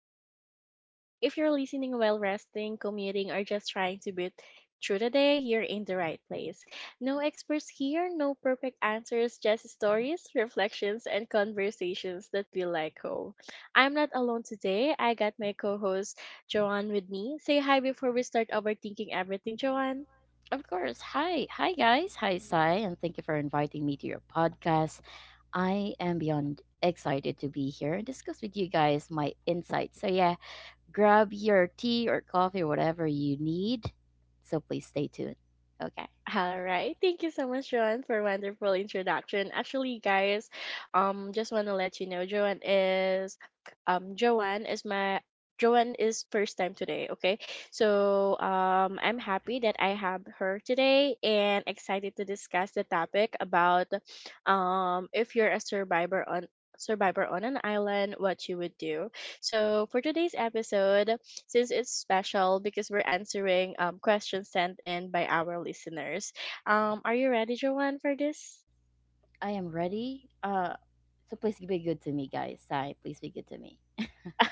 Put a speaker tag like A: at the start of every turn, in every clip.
A: Space Studio. If you're listening while resting, commuting, or just trying to beat through the day, you're in the right place. No experts here, no perfect answers, just stories, reflections, and conversations that feel like home. I'm not alone today. I got my co host, Joanne, with me. Say hi before we start overthinking everything, Joanne.
B: Of course. Hi. Hi, guys. Hi, Sai. And thank you for inviting me to your podcast. I am beyond excited to be here and discuss with you guys my insights. So, yeah, grab your tea or coffee or whatever you need. So, please stay tuned. Okay.
A: All right, thank you so much, Joanne, for a wonderful introduction. Actually, guys, just want to let you know, Joanne is my Joanne is first time today. Okay, so I'm happy that I have her today and excited to discuss the topic about, if you're a survivor on an island, what you would do. So, for today's episode, since it's special because we're answering questions sent in by our listeners, are you ready, Joanne, for this?
B: I am ready. So, please be good to me, guys. Sai, please be good to me.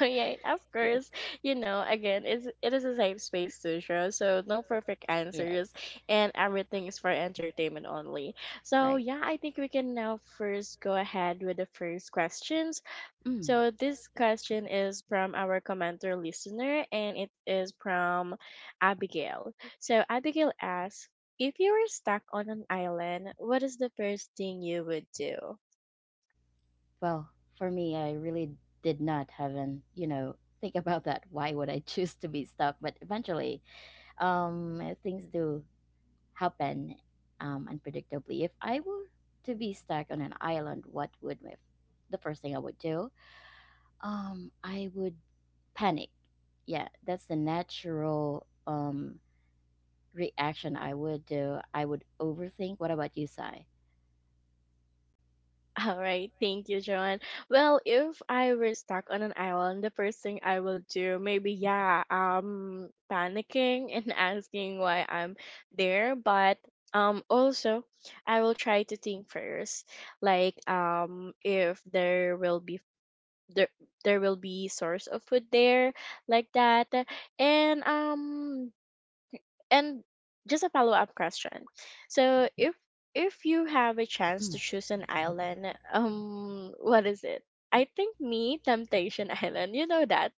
A: Oh, yeah, of
B: Yes.
A: course. You know, again, it is a safe space to show, so no perfect
B: Yes.
A: answers, and everything is for entertainment only. So,
B: Right.
A: yeah, I think we can now first go ahead with the first question.
B: Mm.
A: So this question is from our commenter listener, and it is from Abigail. So Abigail asks, if you were stuck on an island, what is the first thing you would do?
B: Well, for me, I really did not have an think about that. Why would I choose to be stuck? But eventually, things do happen unpredictably. If I were to be stuck on an island, the first thing I would do? I would panic. Yeah, that's the natural reaction I would do. I would overthink. What about you, Sai?
A: All right, thank you, Joanne. Well, if I were stuck on an island, the first thing I will do, maybe yeah, panicking and asking why I'm there, but also I will try to think first like if there will be there there will be source of food there, like that. And and just a follow up question. So if you have a chance
B: Mm.
A: to choose an island, what is it? I think me, temptation island, you know that.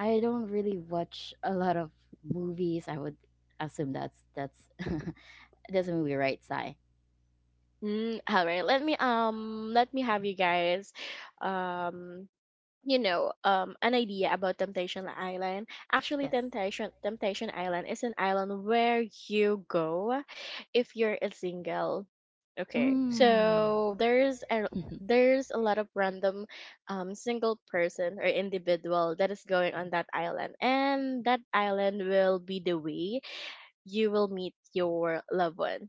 B: I don't really watch a lot of movies. I would assume that's that's a movie, right, Sai?
A: All right, let me have you guys um you know, an idea about Temptation Island. Actually,
B: Yes.
A: Temptation Island is an island where you go if you're a single. Okay,
B: Mm.
A: so there's a lot of random single person or individual that is going on that island, and that island will be the way you will meet your loved one.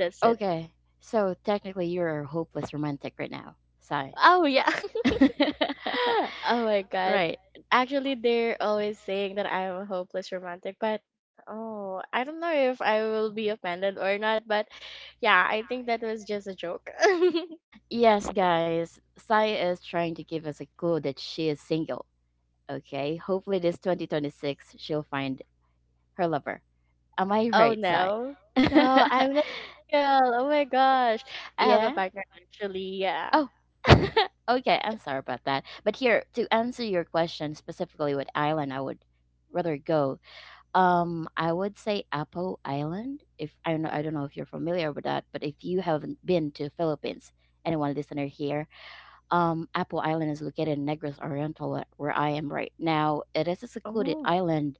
A: That's it.
B: Okay. So technically you're a hopeless romantic right now, Sai.
A: Oh yeah. Oh my god.
B: Right.
A: Actually, they're always saying that I'm a hopeless romantic, but oh, I don't know if I will be offended or not, but yeah, I think that was just a joke.
B: Yes, guys. Sai is trying to give us a clue that she is single. Okay. Hopefully this 2026 she'll find her lover. Am I
A: Oh
B: right side?
A: no. No, I'm not a girl. Oh my gosh. I have a
B: Yeah.
A: partner actually, yeah.
B: Oh. Okay, I'm sorry about that. But here, to answer your question specifically what island I would rather go. I would say Apo Island. If I don't know, I don't know if you're familiar with that, but if you haven't been to Philippines, anyone listener here, Apo Island is located in Negros Oriental where I am right now. It is a secluded
A: Oh.
B: island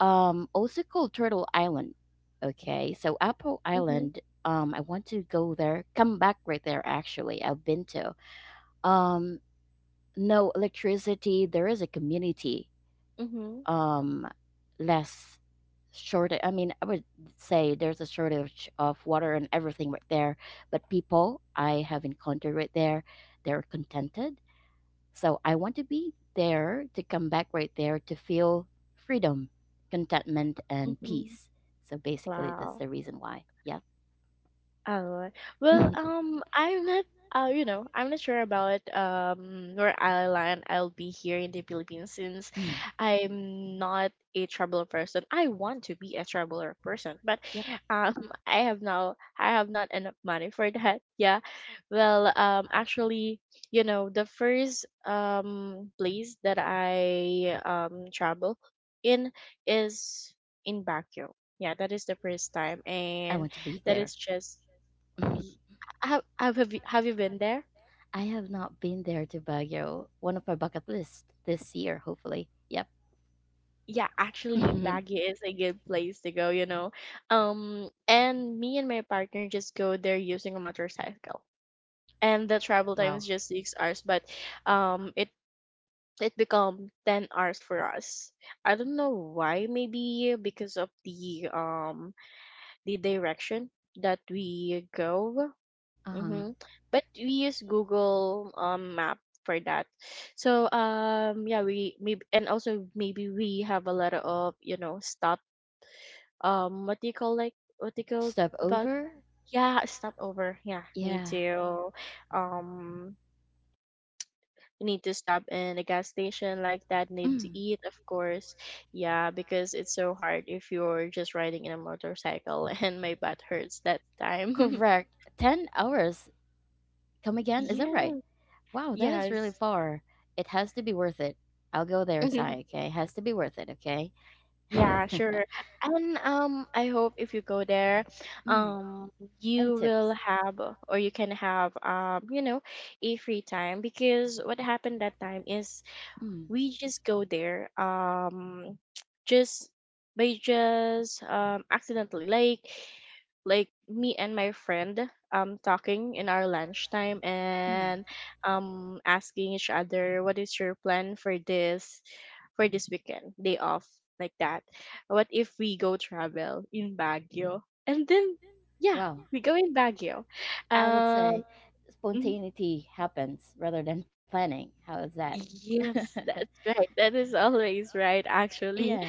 B: also called Turtle Island. Okay, so Apple
A: Mm-hmm.
B: Island. I want to go there, come back right there. Actually, I've been to, um no electricity. There is a community,
A: Mm-hmm.
B: um less, short I mean I would say there's a shortage of water and everything right there, but people I have encountered right there, they're contented. So I want to be there, to come back right there, to feel freedom, contentment, and
A: Mm-hmm.
B: peace. So basically, that's
A: Wow.
B: the reason why. Yep.
A: Oh, well, I'm not, you know, I'm not sure about where I'll land. I'll be here in the Philippines since
B: Mm,
A: I'm not a traveler person. I want to be a traveler person, but
B: yep.
A: um, I have now, I have not enough money for that. Yeah, well, actually, you know, the first place that I travel in is in Baguio. Yeah, that is the first time,
B: I
A: and
B: want to be
A: that
B: there.
A: is just Y- have you, have you been there?
B: I have not been there to Baguio. One of my bucket list this year, hopefully. Yep.
A: Yeah, actually, Baguio is a good place to go, you know. And me and my partner just go there using a motorcycle, and the travel time
B: Wow.
A: is just six hours, but um, it it become 10 hours for us. I don't know why. Maybe because of the direction that we go.
B: Uh huh.
A: Mm-hmm. But we use Google map for that. So yeah, we maybe, and also maybe we have a lot of, you know, stop, what do you call, like what do you call
B: Step
A: about,
B: over.
A: yeah, stopover, yeah, need
B: Yeah.
A: to um need to stop in a gas station, like that, need to
B: Mm.
A: eat of course, yeah, because it's so hard if you're just riding in a motorcycle. And my butt hurts that time.
B: Correct. 10 hours. Come again? Is that
A: Yeah.
B: right? Wow, that is really
A: Yes.
B: far. It has to be worth it. I'll go there, Sai, okay? Has to be worth it, okay?
A: Yeah,
B: Mm.
A: sure. And I hope if you go there, um
B: Any
A: you will
B: tips?
A: have or you can have you know a free time, because what happened that time is
B: Mm.
A: we just go there just by just accidentally, like me and my friend talking in our lunchtime
B: Mm.
A: and asking each other, what is your plan for this weekend day off, like that, what if we go travel in Baguio? And then yeah,
B: Wow.
A: we go in Baguio.
B: I would
A: um
B: say
A: mhm.
B: spontaneity happens rather than planning. How is that?
A: Yes, that's right, that is always right actually.
B: Yeah.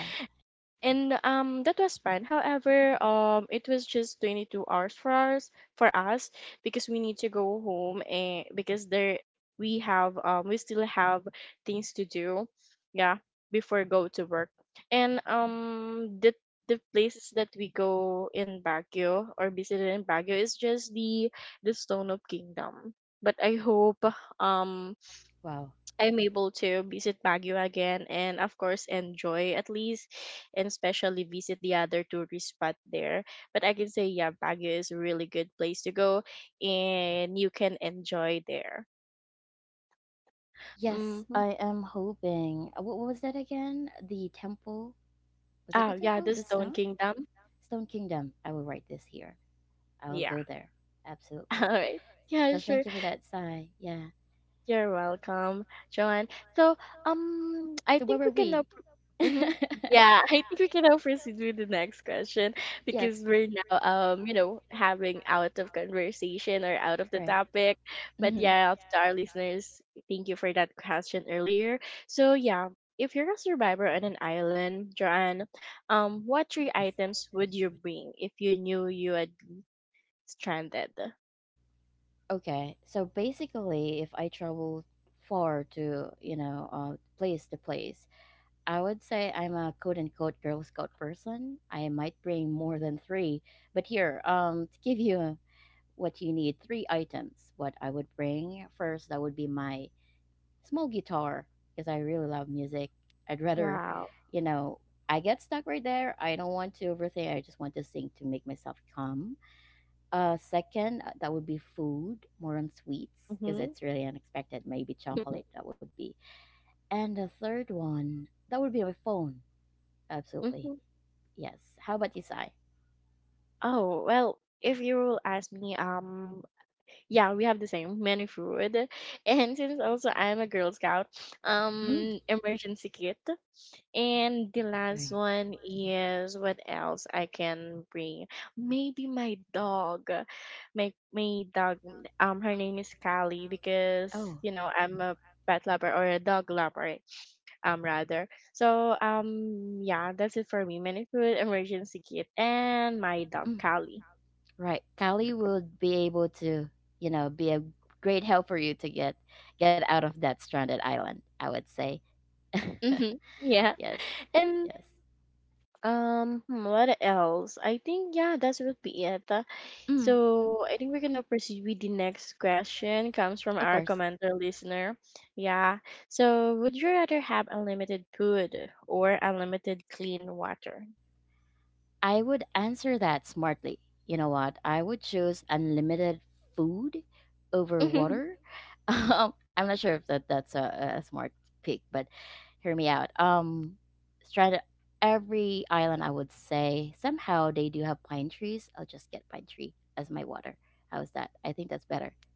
A: And that was fine, however it was just 22 hours for us for us because we need to go home, and because there we have we still have things to do, yeah, before go to work. And the places that we go in Baguio or visited in Baguio is just the Stone of Kingdom. But I hope um
B: Wow.
A: I'm able to visit Baguio again and of course enjoy at least, and especially visit the other tourist spot there. But I can say yeah, Baguio is a really good place to go and you can enjoy there.
B: Yes,
A: Mm-hmm.
B: I am hoping. What was that again? The temple? Was it
A: Ah
B: the
A: yeah,
B: temple?
A: the
B: The
A: Stone
B: stone?
A: Kingdom.
B: Stone Kingdom. I will write this here. I will
A: Yeah.
B: go there.
A: All
B: Absolutely.
A: right. Yeah,
B: So
A: sure.
B: thank you for that, Sai. Yeah.
A: You're welcome, Joanne. So, I
B: So where
A: think we
B: were
A: can now.
B: we?
A: Hmm. Yeah, I think we can now proceed with the next question,
B: Yes.
A: because we're now, you know, having out of conversation or out of the
B: Right.
A: topic. But
B: Hmm.
A: yeah, to our listeners, thank you for that question earlier. So yeah, if you're a survivor on an island, Joanne, what three
B: Yes.
A: items would you bring if you knew you had stranded?
B: Okay, so basically, if I travel far to, you know, place to place, I would say I'm a quote unquote Girl Scout person. I might bring more than three, but here, to give you what you need, three items. What I would bring first, that would be my small guitar, because I really love music. I'd rather,
A: Wow.
B: you know, I get stuck right there. I don't want to overthink. I just want to sing to make myself calm. Second, that would be food, more on sweets, because
A: Mm-hmm.
B: it's really unexpected. Maybe chocolate, that would be. And the third one, that would be my phone. Absolutely. Yes. How about you, Sai?
A: Oh, well, if you will ask me, yeah, we have the same many food. And since also I'm a Girl Scout,
B: Hmm.
A: emergency kit. And the last
B: Right.
A: one is what else I can bring? Maybe my dog. My dog, her name is Callie because,
B: Oh.
A: you know, I'm a pet lover or a dog lover rather. So yeah, that's it for me. Many food, emergency kit, and my dog
B: Mm.
A: Callie.
B: Right. Kali would be able to, you know, be a great help for you to get out of that stranded island, I would say.
A: Mm-hmm. Yeah.
B: Yes.
A: And
B: Yes.
A: hmm, what else? I think yeah, that would be it.
B: Mm.
A: So I think we're gonna proceed with the next question. Comes from
B: Of
A: our
B: course.
A: commenter listener. Yeah. So would you rather have unlimited food or unlimited clean water?
B: I would answer that smartly. You know what? I would choose unlimited food over water. I'm not sure if that's a smart pick, but hear me out. Strand every island, I would say somehow they do have pine trees. I'll just get pine tree as my water. How's that? I think that's better.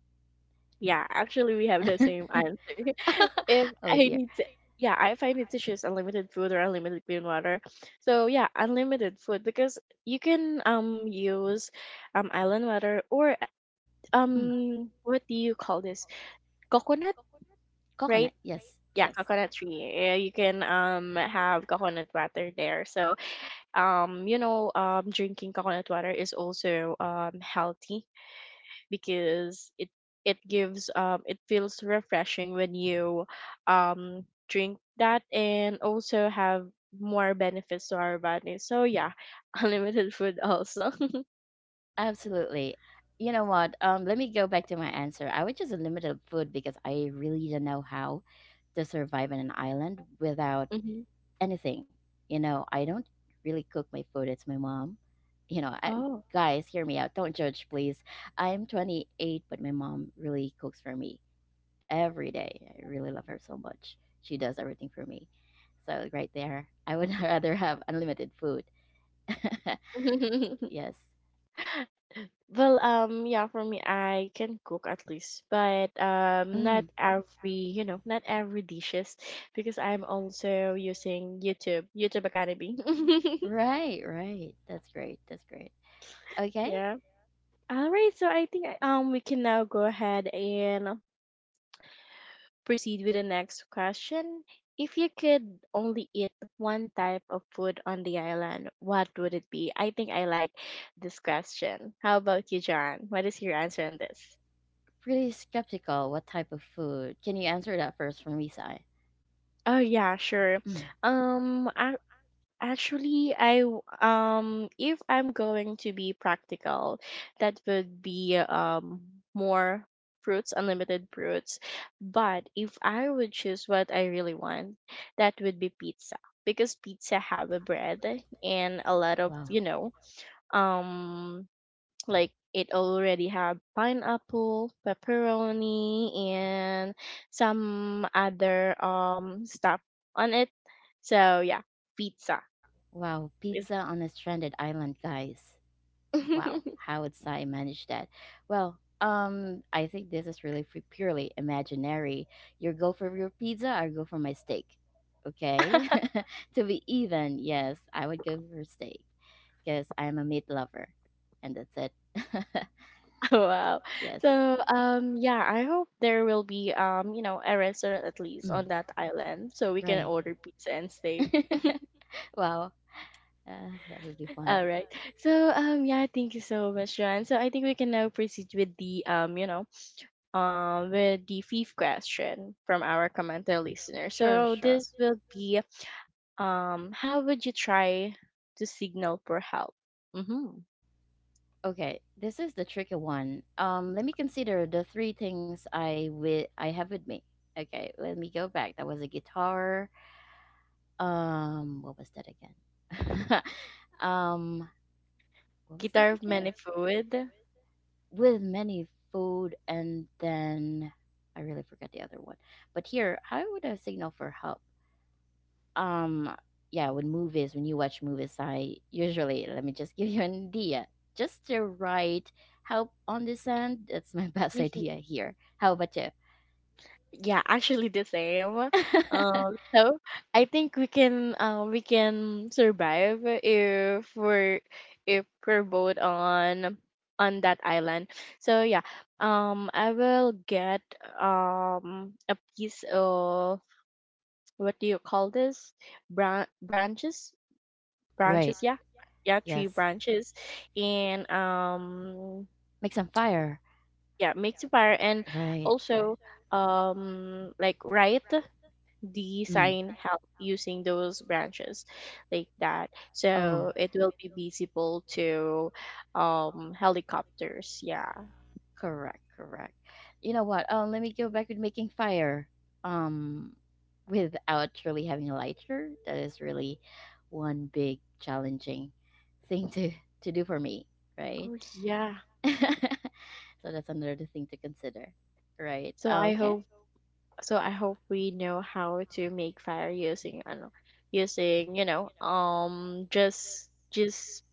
A: Yeah, actually, we have the same answer. If
B: Oh
A: I
B: dear.
A: need to, yeah, if I need to choose unlimited food or unlimited clean water, so yeah, unlimited food because you can use island water or
B: Mm.
A: what do you call this? Coconut, right?
B: Coconut. Yes.
A: Yeah,
B: Yes.
A: coconut tree. Yeah, you can have coconut water there. So you know drinking coconut water is also healthy, because it gives it feels refreshing when you drink that, and also have more benefits to our body. So yeah, unlimited food also.
B: Absolutely. You know what? Let me go back to my answer. I would just unlimited food because I really don't know how to survive in an island without
A: Hmm.
B: anything. You know, I don't really cook my food. It's my mom. You know, I,
A: Oh.
B: guys, hear me out. Don't judge, please. I'm 28, but my mom really cooks for me every day. I really love her so much. She does everything for me. So right there, I would rather have unlimited food. Yes.
A: Well, yeah, for me I can cook at least, but not
B: Mm.
A: every, you know, not every dishes, because I'm also using YouTube, YouTube Academy.
B: Right, right. That's great. That's great. Okay.
A: Yeah. All right, so I think we can now go ahead and proceed with the next question. If you could only eat one type of food on the island, what would it be? I think I like this question. How about you, John? What is your answer on this?
B: Pretty skeptical. What type of food? Can you answer that first for me, Sai?
A: Oh yeah, sure.
B: Mm.
A: Um, actually, if I'm going to be practical, that would be more fruits, unlimited fruits. But if I would choose what I really want, that would be pizza, because pizza have a bread and a lot of,
B: Wow.
A: you know, um like it already have pineapple, pepperoni and some other stuff on it. So yeah, pizza.
B: Wow, pizza on a stranded island, guys. Wow, how would Sai manage that? Well, I think this is really fu- purely imaginary. You go for your pizza, I go for my steak. Okay, to be even, yes, I would go for steak, because I'm a meat lover, and that's it.
A: Wow.
B: Wow. Yes.
A: So yeah, I hope there will be you know a restaurant at least
B: Mm.
A: on that island so we can
B: Right.
A: order pizza and steak.
B: Wow. That would be fun.
A: All right. So yeah, thank you so much, John. So I think we can now proceed with the you know with the fifth question from our commenter listener.
B: Sure,
A: So
B: sure.
A: this will be how would you try to signal for help? Mm-hmm.
B: Okay, this is the tricky one. Let me consider the three things I with I have with me. Okay, let me go back. That was a guitar. What was that again? um, what was that
A: Guitar of
B: again?
A: many food.
B: With many food, and then I really forgot the other one. But here, how would I signal for help? Um, yeah, with movies, when you watch movies, I usually let me just give you an idea. Just the right help on the sand. That's my best
A: Mm-hmm.
B: idea here. How about you?
A: Yeah, actually the same. So I think we can survive if we're both on that island. So yeah, I will get a piece of what do you call this? Branches,
B: Right.
A: branches. Yeah, yeah, tree
B: Yes.
A: branches, and
B: Make some fire.
A: yeah, make the fire, and
B: Right. Right.
A: also like right
B: Mm.
A: design help using those branches, like that,
B: Oh.
A: so it will be visible to helicopters, yeah.
B: Correct, correct. You know what? Let me go back with making fire. Um, without really having a lighter, that is really one big challenging thing to do for me, right?
A: Oh yeah.
B: So that's another thing to consider, right?
A: So I
B: Okay,
A: hope we know how to make fire using ano, using you know just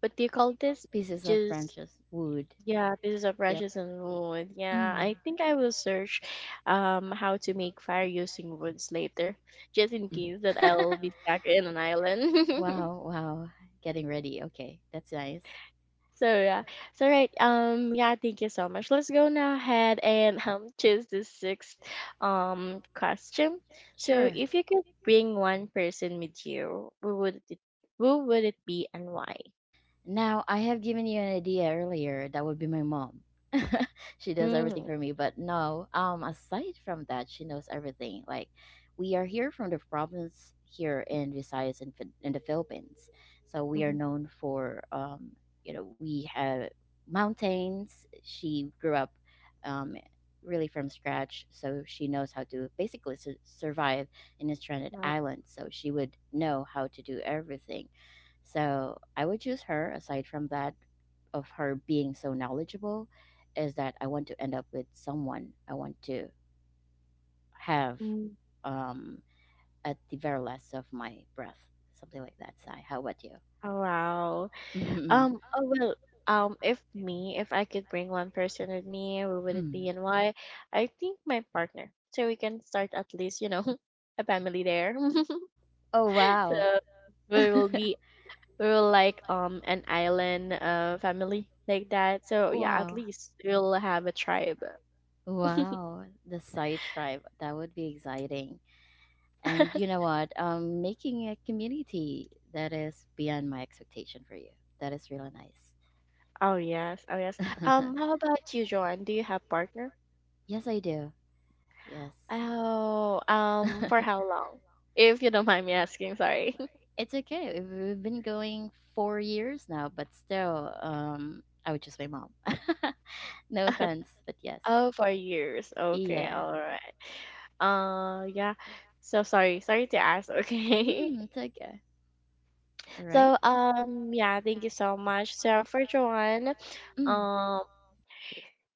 A: what do you call this
B: pieces of
A: just
B: branches, wood.
A: yeah, this is a
B: Yep.
A: precious and wood. Yeah,
B: Mm.
A: I think I will search how to make fire using woods later, just in
B: Mm.
A: case that I'll be stuck in an island.
B: Wow, wow. Getting ready. Okay, that's nice.
A: So yeah. Thank you so much. Let's go now ahead and choose the sixth question. So
B: Sure.
A: if you could bring one person with you, who would it be and why?
B: Now, I have given you an idea earlier. That would be my mom. She does everything
A: Mm.
B: for me, but no, aside from that, she knows everything. Like we are here from the province here in Visayas in, Phil- in the Philippines. So we are
A: Mm-hmm.
B: known for you know, we have mountains. She grew up um really from scratch, so she knows how to basically su- survive in a stranded
A: Wow.
B: island. So she would know how to do everything, so I would choose her. Aside from that of her being so knowledgeable, is that I want to end up with someone I want to have,
A: Mm.
B: um at the very last of my breath. Something like that, Sai. How about you?
A: Oh wow. Oh well, if I could bring one person with me, who would it
B: Mm.
A: be and why? I think my partner. So we can start at least, you know, a family there.
B: Oh wow.
A: So we will be we will like an island family like that. So yeah, at
B: Wow.
A: least we'll have a tribe.
B: Wow. The Sai tribe. That would be exciting. And you know what? Making a community that is beyond my expectation for you. That is really nice.
A: Oh yes, oh yes. How about you, Joanne? Do you have partner?
B: Yes, I do. Yes.
A: Oh, for how long? If you don't mind me asking, sorry.
B: It's okay. We've been going 4 years now, but still, I would just my mom. No offense, but yes.
A: Oh, for years. Okay,
B: Yeah.
A: all right. Yeah. So sorry, sorry to ask. Okay.
B: Mm, it's okay. All right.
A: So yeah, thank you so much. So for Joanne,
B: Mm,
A: um,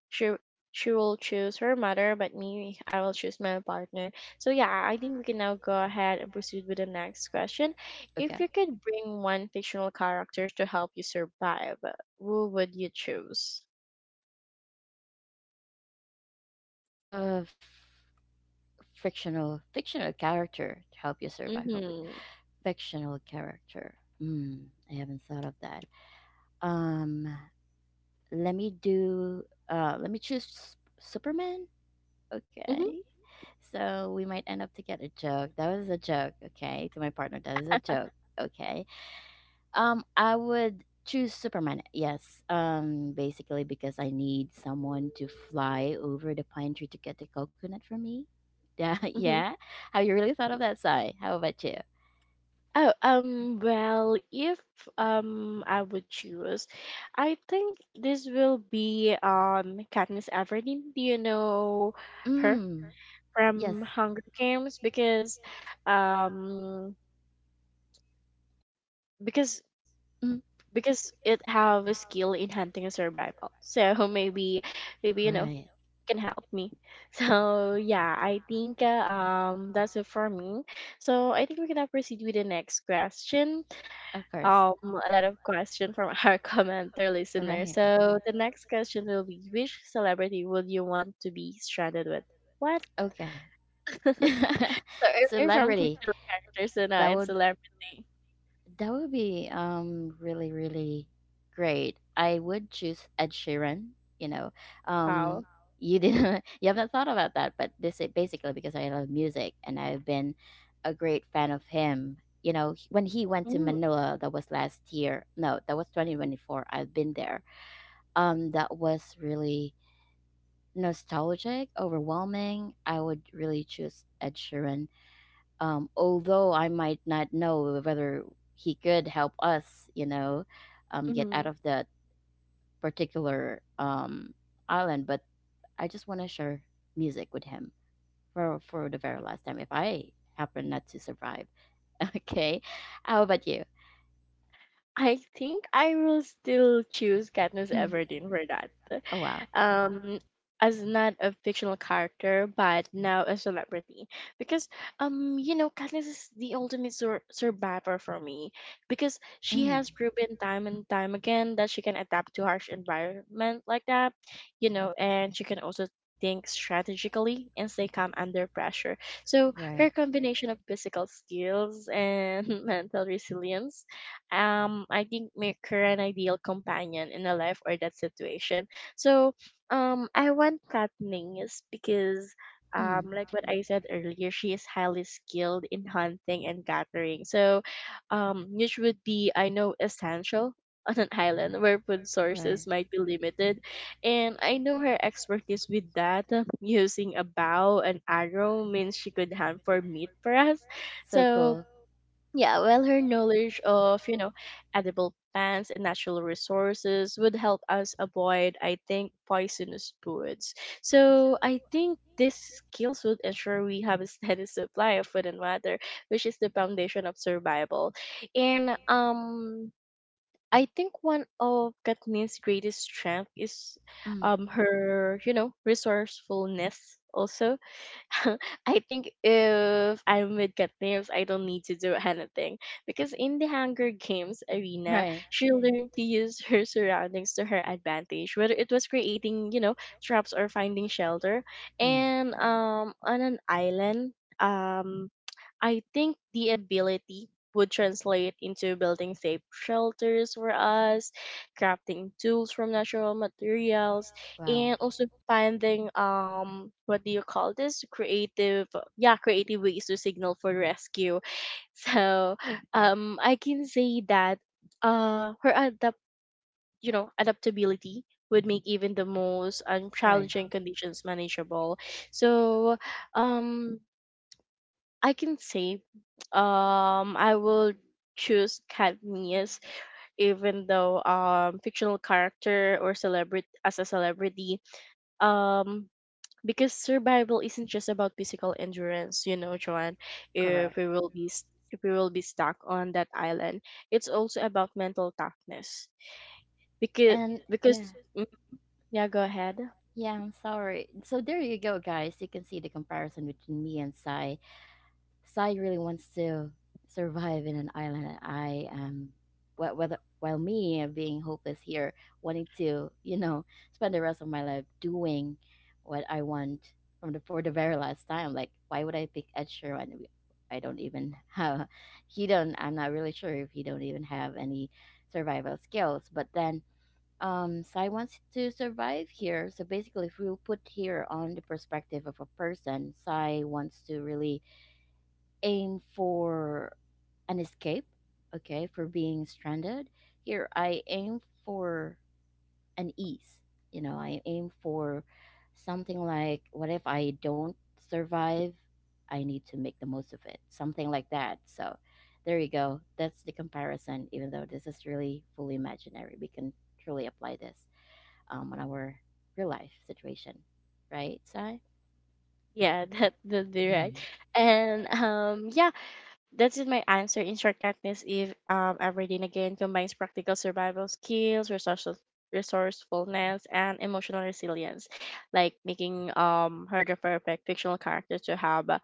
A: she she will choose her mother, but me, I will choose my partner. So yeah, I think we can now go ahead and proceed with the next question. If
B: okay.
A: you could bring one fictional character to help you survive, who would you choose?
B: Uh, fictional character to help you survive a week.
A: Mm-hmm.
B: Fictional character. Mm, I haven't thought of that. Um, let me do. Let me choose S- Superman.
A: Mm-hmm.
B: Okay. So we might end up to get a joke. That was a joke. Okay, to my partner, that is a joke. Okay. I would choose Superman. Yes. Basically because I need someone to fly over the pine tree to get the coconut for me. Yeah,
A: Mm-hmm.
B: yeah. Have you really thought of that, Sai? How about you?
A: Oh, well, if I would choose, I think this will be Katniss Everdeen. Do you know her
B: Mm. Yes.
A: from Hunger Games? Um because
B: Mm.
A: because it have a skill in hunting and survival. So maybe you know
B: Right.
A: can help me. So yeah, I think that's it for me. So I think we can now proceed with the next question.
B: Of course.
A: um a lot of question from our commenter listener.
B: Right.
A: So the next question will be which celebrity would you want to be stranded with? What?
B: Okay.
A: So earlier from
B: Celebrity.
A: fictional characters so now
B: That
A: it's
B: would
A: celebrity.
B: that would be really really great. I would choose Ed Sheeran. You know, um,
A: Wow.
B: you didn't you haven't thought about that, but this is basically because I love music and I've been a great fan of him. You know, he- when he went to
A: Mm-hmm.
B: Manila, that was last year. No, that was 2024. I've been there. That was really nostalgic, overwhelming. I would really choose Ed Sheeran, although I might not know whether he could help us, you know, get
A: Mm-hmm.
B: out of that particular island, but I just want to share music with him for the very last time if I happen not to survive. Okay, how about you?
A: I think I will still choose Katniss
B: Mm.
A: Everdeen for that.
B: Oh wow.
A: Um, as not a fictional character, but now a celebrity, because you know, Katniss is the ultimate sur- survivor for me, because she
B: Mm.
A: has proven time and time again that she can adapt to harsh environment like that, you know, and she can also think strategically and stay calm under pressure. So
B: Right.
A: her combination of physical skills and mental resilience I think maker an ideal companion in a life or that situation. So I want Katniss is because
B: Mm.
A: like what I said earlier, she is highly skilled in hunting and gathering. So which would be I know essential on an island where food
B: Right.
A: sources might be limited. And I know her expertise with that, using a bow and arrow means she could hunt for meat for us.
B: So
A: So
B: cool.
A: yeah, well, her knowledge of, you know, edible plants and natural resources would help us avoid, I think, poisonous foods. So I think these skills would ensure we have a steady supply of food and water, which is the foundation of survival. And I think one of Katniss' greatest strength is
B: Mm.
A: her, you know, resourcefulness also. I think if I'm with Katniss, I don't need to do anything because in the Hunger Games arena,
B: Right.
A: she learned to use her surroundings to her advantage, whether it was creating, you know, traps or finding shelter.
B: Mm.
A: And on an island, um, I think the ability would translate into building safe shelters for us, crafting tools from natural materials, and
B: Wow.
A: also finding what do you call this creative yeah creative ways to signal for rescue. So I can say that her adapt you know adaptability would make even the most
B: Right.
A: challenging conditions manageable. So um I can say I will choose cadmius even though fictional character or celebrity as a celebrity, um because survival isn't just about physical endurance, you know, Joanne, if
B: Correct.
A: we will be s- if we will be stuck on that island, it's also about mental toughness, because
B: And succeeded yeah.
A: because mm, yeah go ahead.
B: Yeah, I'm sorry. So there you go, guys. You can see the comparison between me and Sai. Sai really wants to survive in an island, and I am, wh- whether while me being hopeless here, wanting to, you know, spend the rest of my life doing what I want from the for the very last time. Like, why would I pick Ed Sheeran? We- I don't even have. He don't. I'm not really sure if he don't even have any survival skills. But then, Sai wants to survive here. So basically, if we put here on the perspective of a person, Sai wants to really aim for an escape, okay, for being stranded. Here, I aim for an ease. You know, I aim for something like, what if I don't survive? I need to make the most of it, something like that. So, there you go. That's the comparison, even though this is really fully imaginary. We can truly apply this on our real life situation, right, Sai?
A: Yeah, that'd be right.
B: Mm.
A: And um, yeah, that's my answer. In short, Katniss Eve Everdeen again combines practical survival skills, resources, resourcefulness, and emotional resilience, like making her the perfect fictional character to have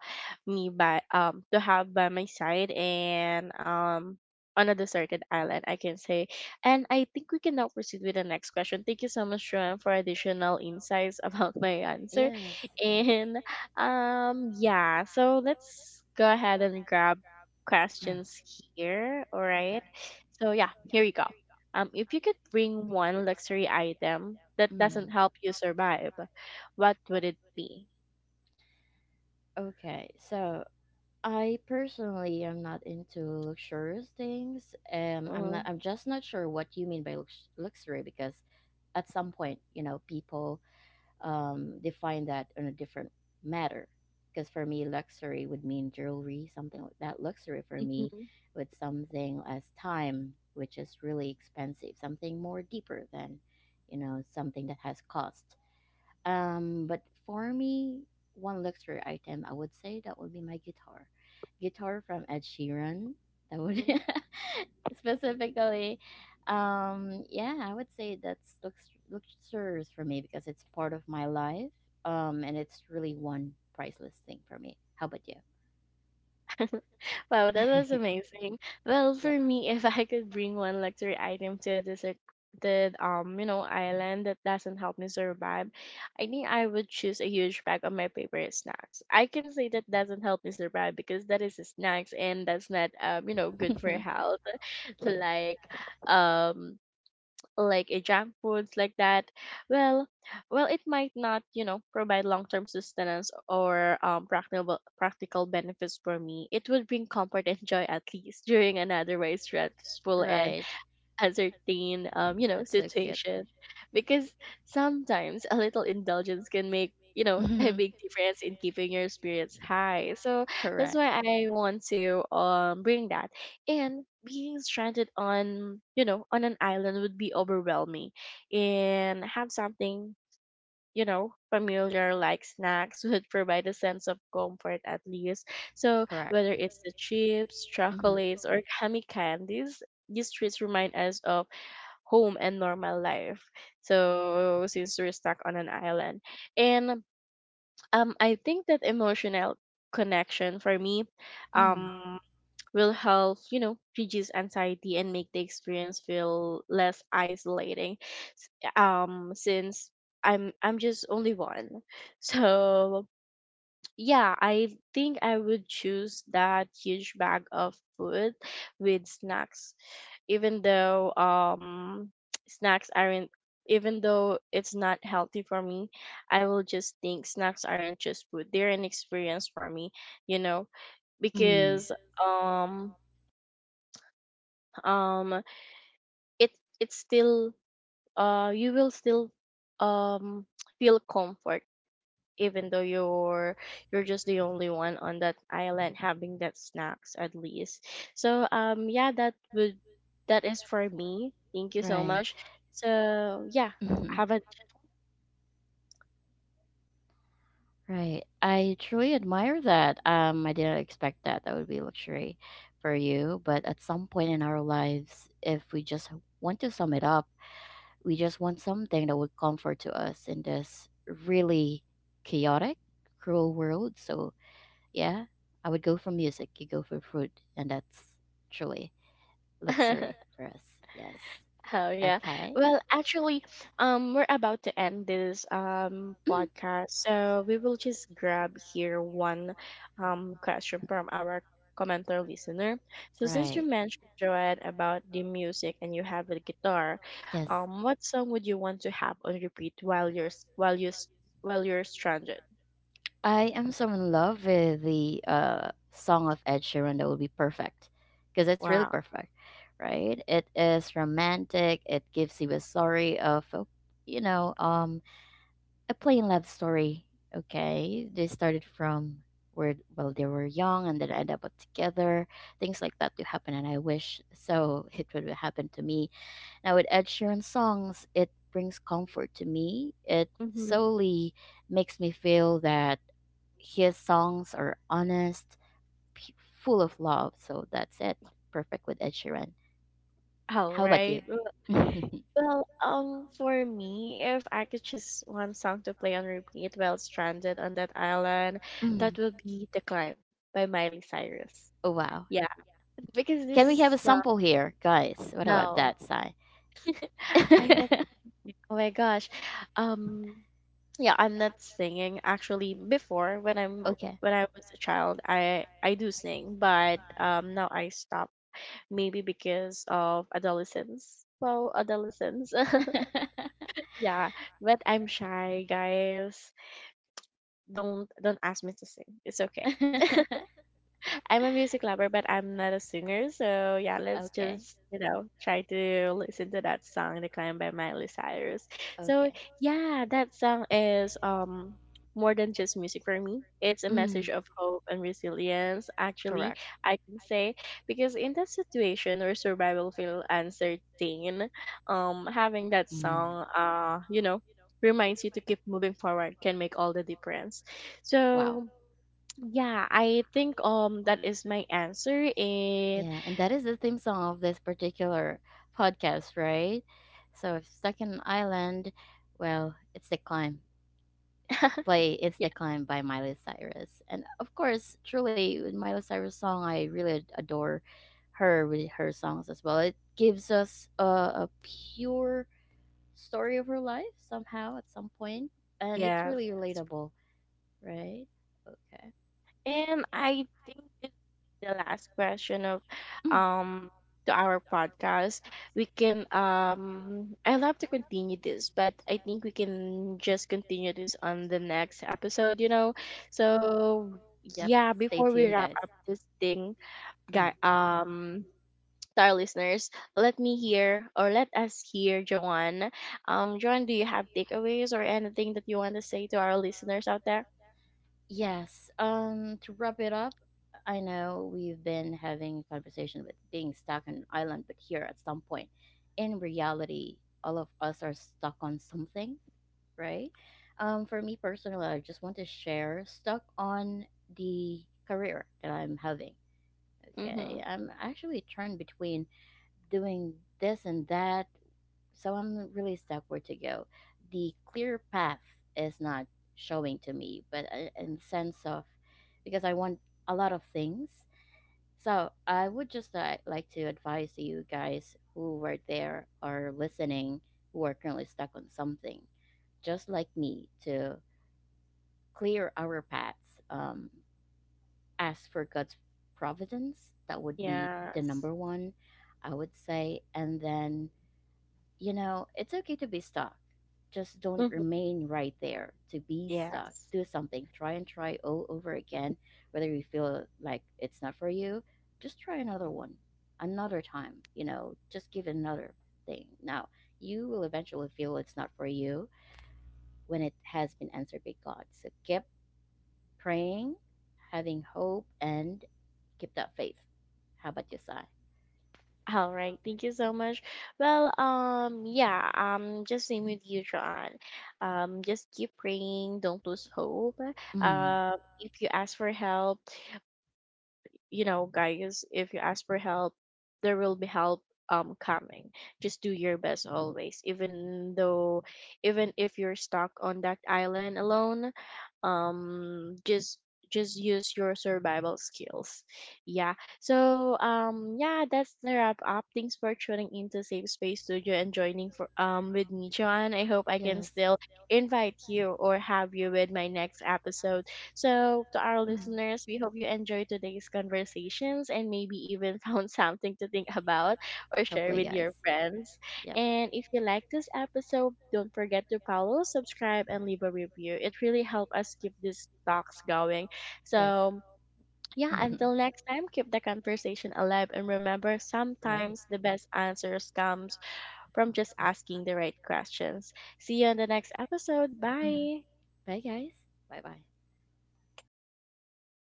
A: me by to have by my side, and on a deserted island, I can say. And I think we can now proceed with the next question. Thank you so much, Joanne, for additional insights about my answer.
B: Yes, yes.
A: And um, yeah, so let's go ahead and grab
B: Mm.
A: questions here. All
B: Okay.
A: right. So yeah, here you go. If you could bring one luxury item that
B: Right? Mm. Does
A: doesn't help you survive, what would it be?
B: okay, so I personally am not into luxurious things. I'm
A: Uh,
B: not. I'm just not sure what you mean by luxury because at some point, you know, people define that on a different matter. Because for me, luxury would mean jewelry, something like that. Luxury for me
A: mhm,
B: would something as time, which is really expensive, something more deeper than, you know, something that has cost. But for me, one luxury item, I would say that would be my guitar. Guitar from Ed Sheeran. That would
A: mhm.
B: specifically, yeah, I would say that's luxurious for me because it's part of my life. And it's really one priceless thing for me. How about you?
A: Wow, that was amazing. Well,
B: Yes.
A: for me, if I could bring one luxury item to a desert, the you know, island that doesn't help me survive, I think I would choose a huge bag of my favorite snacks. I can say that doesn't help me survive because that is snacks and that's not you know, good for health like um like a junk foods like that. well well it might not you know provide long-term sustenance or practical benefits for me, it would bring comfort and joy at least during an otherwise stressful and
B: Right.
A: a certain um, you know
B: That's so cute.
A: situation, because sometimes a little indulgence can make you know a
B: Mhm.
A: big difference in keeping your spirits high. So that's
B: Correct.
A: why I want to bring that. And being stranded on you know on an island would be overwhelming, and have something you know familiar like snacks would provide a sense of comfort at least. So
B: Correct.
A: whether it's the chips,
B: Hmm.
A: chocolates, or gummy candies, these treats remind us of home and normal life. So since we're stuck on an island, and I think that emotional connection for me,
B: Mm.
A: um, will help you know reduce anxiety and make the experience feel less isolating. S- since I'm just only one, so yeah, I think I would choose that huge bag of food with snacks, even though snacks aren't even though it's not healthy for me, I will just think snacks aren't just food. They're an experience for me, you know,
B: Mm.
A: because um um it it's still you will still um feel comfort even though you're just the only one on that island having that snacks at least. So um, yeah, that is for me, thank you so
B: Right.
A: much. So yeah,
B: Hmm.
A: have a
B: Right. I truly admire that. I didn't expect that. That would be luxury for you. But at some point in our lives, if we just want to sum it up, we just want something that would comfort to us in this really chaotic, cruel world. So yeah, I would go for music. You go for food, and that's truly luxury for us. Yes.
A: oh yeah.
B: Okay.
A: Well, actually, we're about to end this
B: Mm.
A: podcast, so we will just grab here one question from our commenter listener. So since you
B: Right.
A: mentioned Joanne about the music and you have a guitar,
B: Yes.
A: what song would you want to have on repeat while you're s- while you s- while you're stranded?
B: I am so in love with the song of Ed Sheeran that would be perfect because it's really
A: Wow.
B: perfect, right? It is romantic. It gives you a story of, a- you know, a plain love story. Okay, they started from where well they were young and then end up together. Things like that do happen, and I wish so it would happen to me. Now with Ed Sheeran songs, it brings comfort to me. It
A: Mm-hmm.
B: solely makes me feel that. His songs are honest, p- full of love. So that's it. Perfect with Ed Sheeran.
A: All
B: How about you?
A: right. Well, for me, if I could choose one song to play on repeat while stranded on that island,
B: Mm.
A: that would be The Climb by Miley Cyrus.
B: Oh wow.
A: Yeah, because this
B: Can we have a
A: is
B: sample here, guys? What about
A: no,
B: that side?
A: I'm not. Oh my gosh, um, yeah, I'm not singing actually. Before when I'm
B: Okay.
A: when I was a child, I do sing, but now I stop maybe because of adolescence. So adolescence, yeah, but I'm shy, guys. Don't ask me to sing. It's okay. I'm a music lover, but I'm not a singer. So yeah, let's just you know try to listen to that song, "The Climb" by Miley Cyrus. So yeah, that song is more than just music
B: it's
A: for me. It's a message of hope and resilience. Actually, I can say because in that situation where survival feel uncertain, having that song, you know, reminds you to keep moving forward can make all the difference.
B: so
A: So yeah, I think that is my answer and
B: and that is the theme song of this particular podcast, right? So if stuck in an island, well, it's the climb. Play It's
A: yeah,
B: the Climb by Miley Cyrus. And of course, truly, with Miley Cyrus song, I really adore her with her songs as well. It gives us a pure story of her life somehow at some point, and it's
A: yes.
B: really relatable, right? Okay.
A: And I think this is the last question of
B: Mm.
A: um to our podcast. We can um, I love to continue this, but I think we can just continue this on the next episode, you know. So
B: Yep.
A: yeah,
B: Stay
A: before we
B: tuned,
A: wrap
B: guys.
A: up this thing,
B: Mm.
A: guy to our listeners, let me hear or let us hear Joanne. Joanne, do you have takeaways or anything that you want to say to our listeners out there?
B: Yes. To wrap it up, I know we've been having a conversation with being stuck on an island, but here at some point, in reality, all of us are stuck on something, right? For me personally, I just want to share stuck on the career that I'm having.
A: Mm-hmm.
B: Okay, I'm actually torn between doing this and that, so I'm really stuck where to go. The clear path is not showing to me, but I- in sense of because I want a lot of things. So I would just like to advise you guys who were there or listening who are currently stuck on something, just like me, to clear our paths. Ask for God's providence. That would be the
A: Yes.
B: number one, I would say, and then you know, it's okay to be stuck. Just don't
A: Mm-hmm.
B: remain right there. To be stuck,
A: Yes.
B: do something. Try and try all over again. Whether you feel like it's not for you, just try another one, another time. You know, just give it another thing. Now, you will eventually feel it's not for you when it has been answered by God. So keep praying, having hope, and keep that faith. How about you, Sai?
A: All right. Thank you so much. Well, yeah, just same with you, John. Just keep praying. Don't lose hope.
B: Mm.
A: If you ask for help you know, guys, if you ask for help, there will be help coming. Just do your best always. Even if you're stuck on that island alone, um just just use your survival skills. Yeah, so um, yeah, that's the wrap up. Thanks for tuning into Safe Space Studio and joining for with me John. I hope I can
B: Yes.
A: still invite you or have you with my next episode. So to our
B: Mm.
A: listeners, we hope you enjoyed today's conversations and maybe even found something to think about or share
B: Hopefully,
A: with
B: guys.
A: your friends.
B: Yep.
A: And if you like this episode, don't forget to follow, subscribe, and leave a review. It really helps us keep these talks going.
B: Yes.
A: So, yeah,
B: Mhm.
A: until next time, keep the conversation alive. And remember,
B: Right.
A: sometimes the best answers comes from just asking the right questions. See you on the next episode.
B: Mhm.
A: Bye.
B: Bye, guys. Bye bye.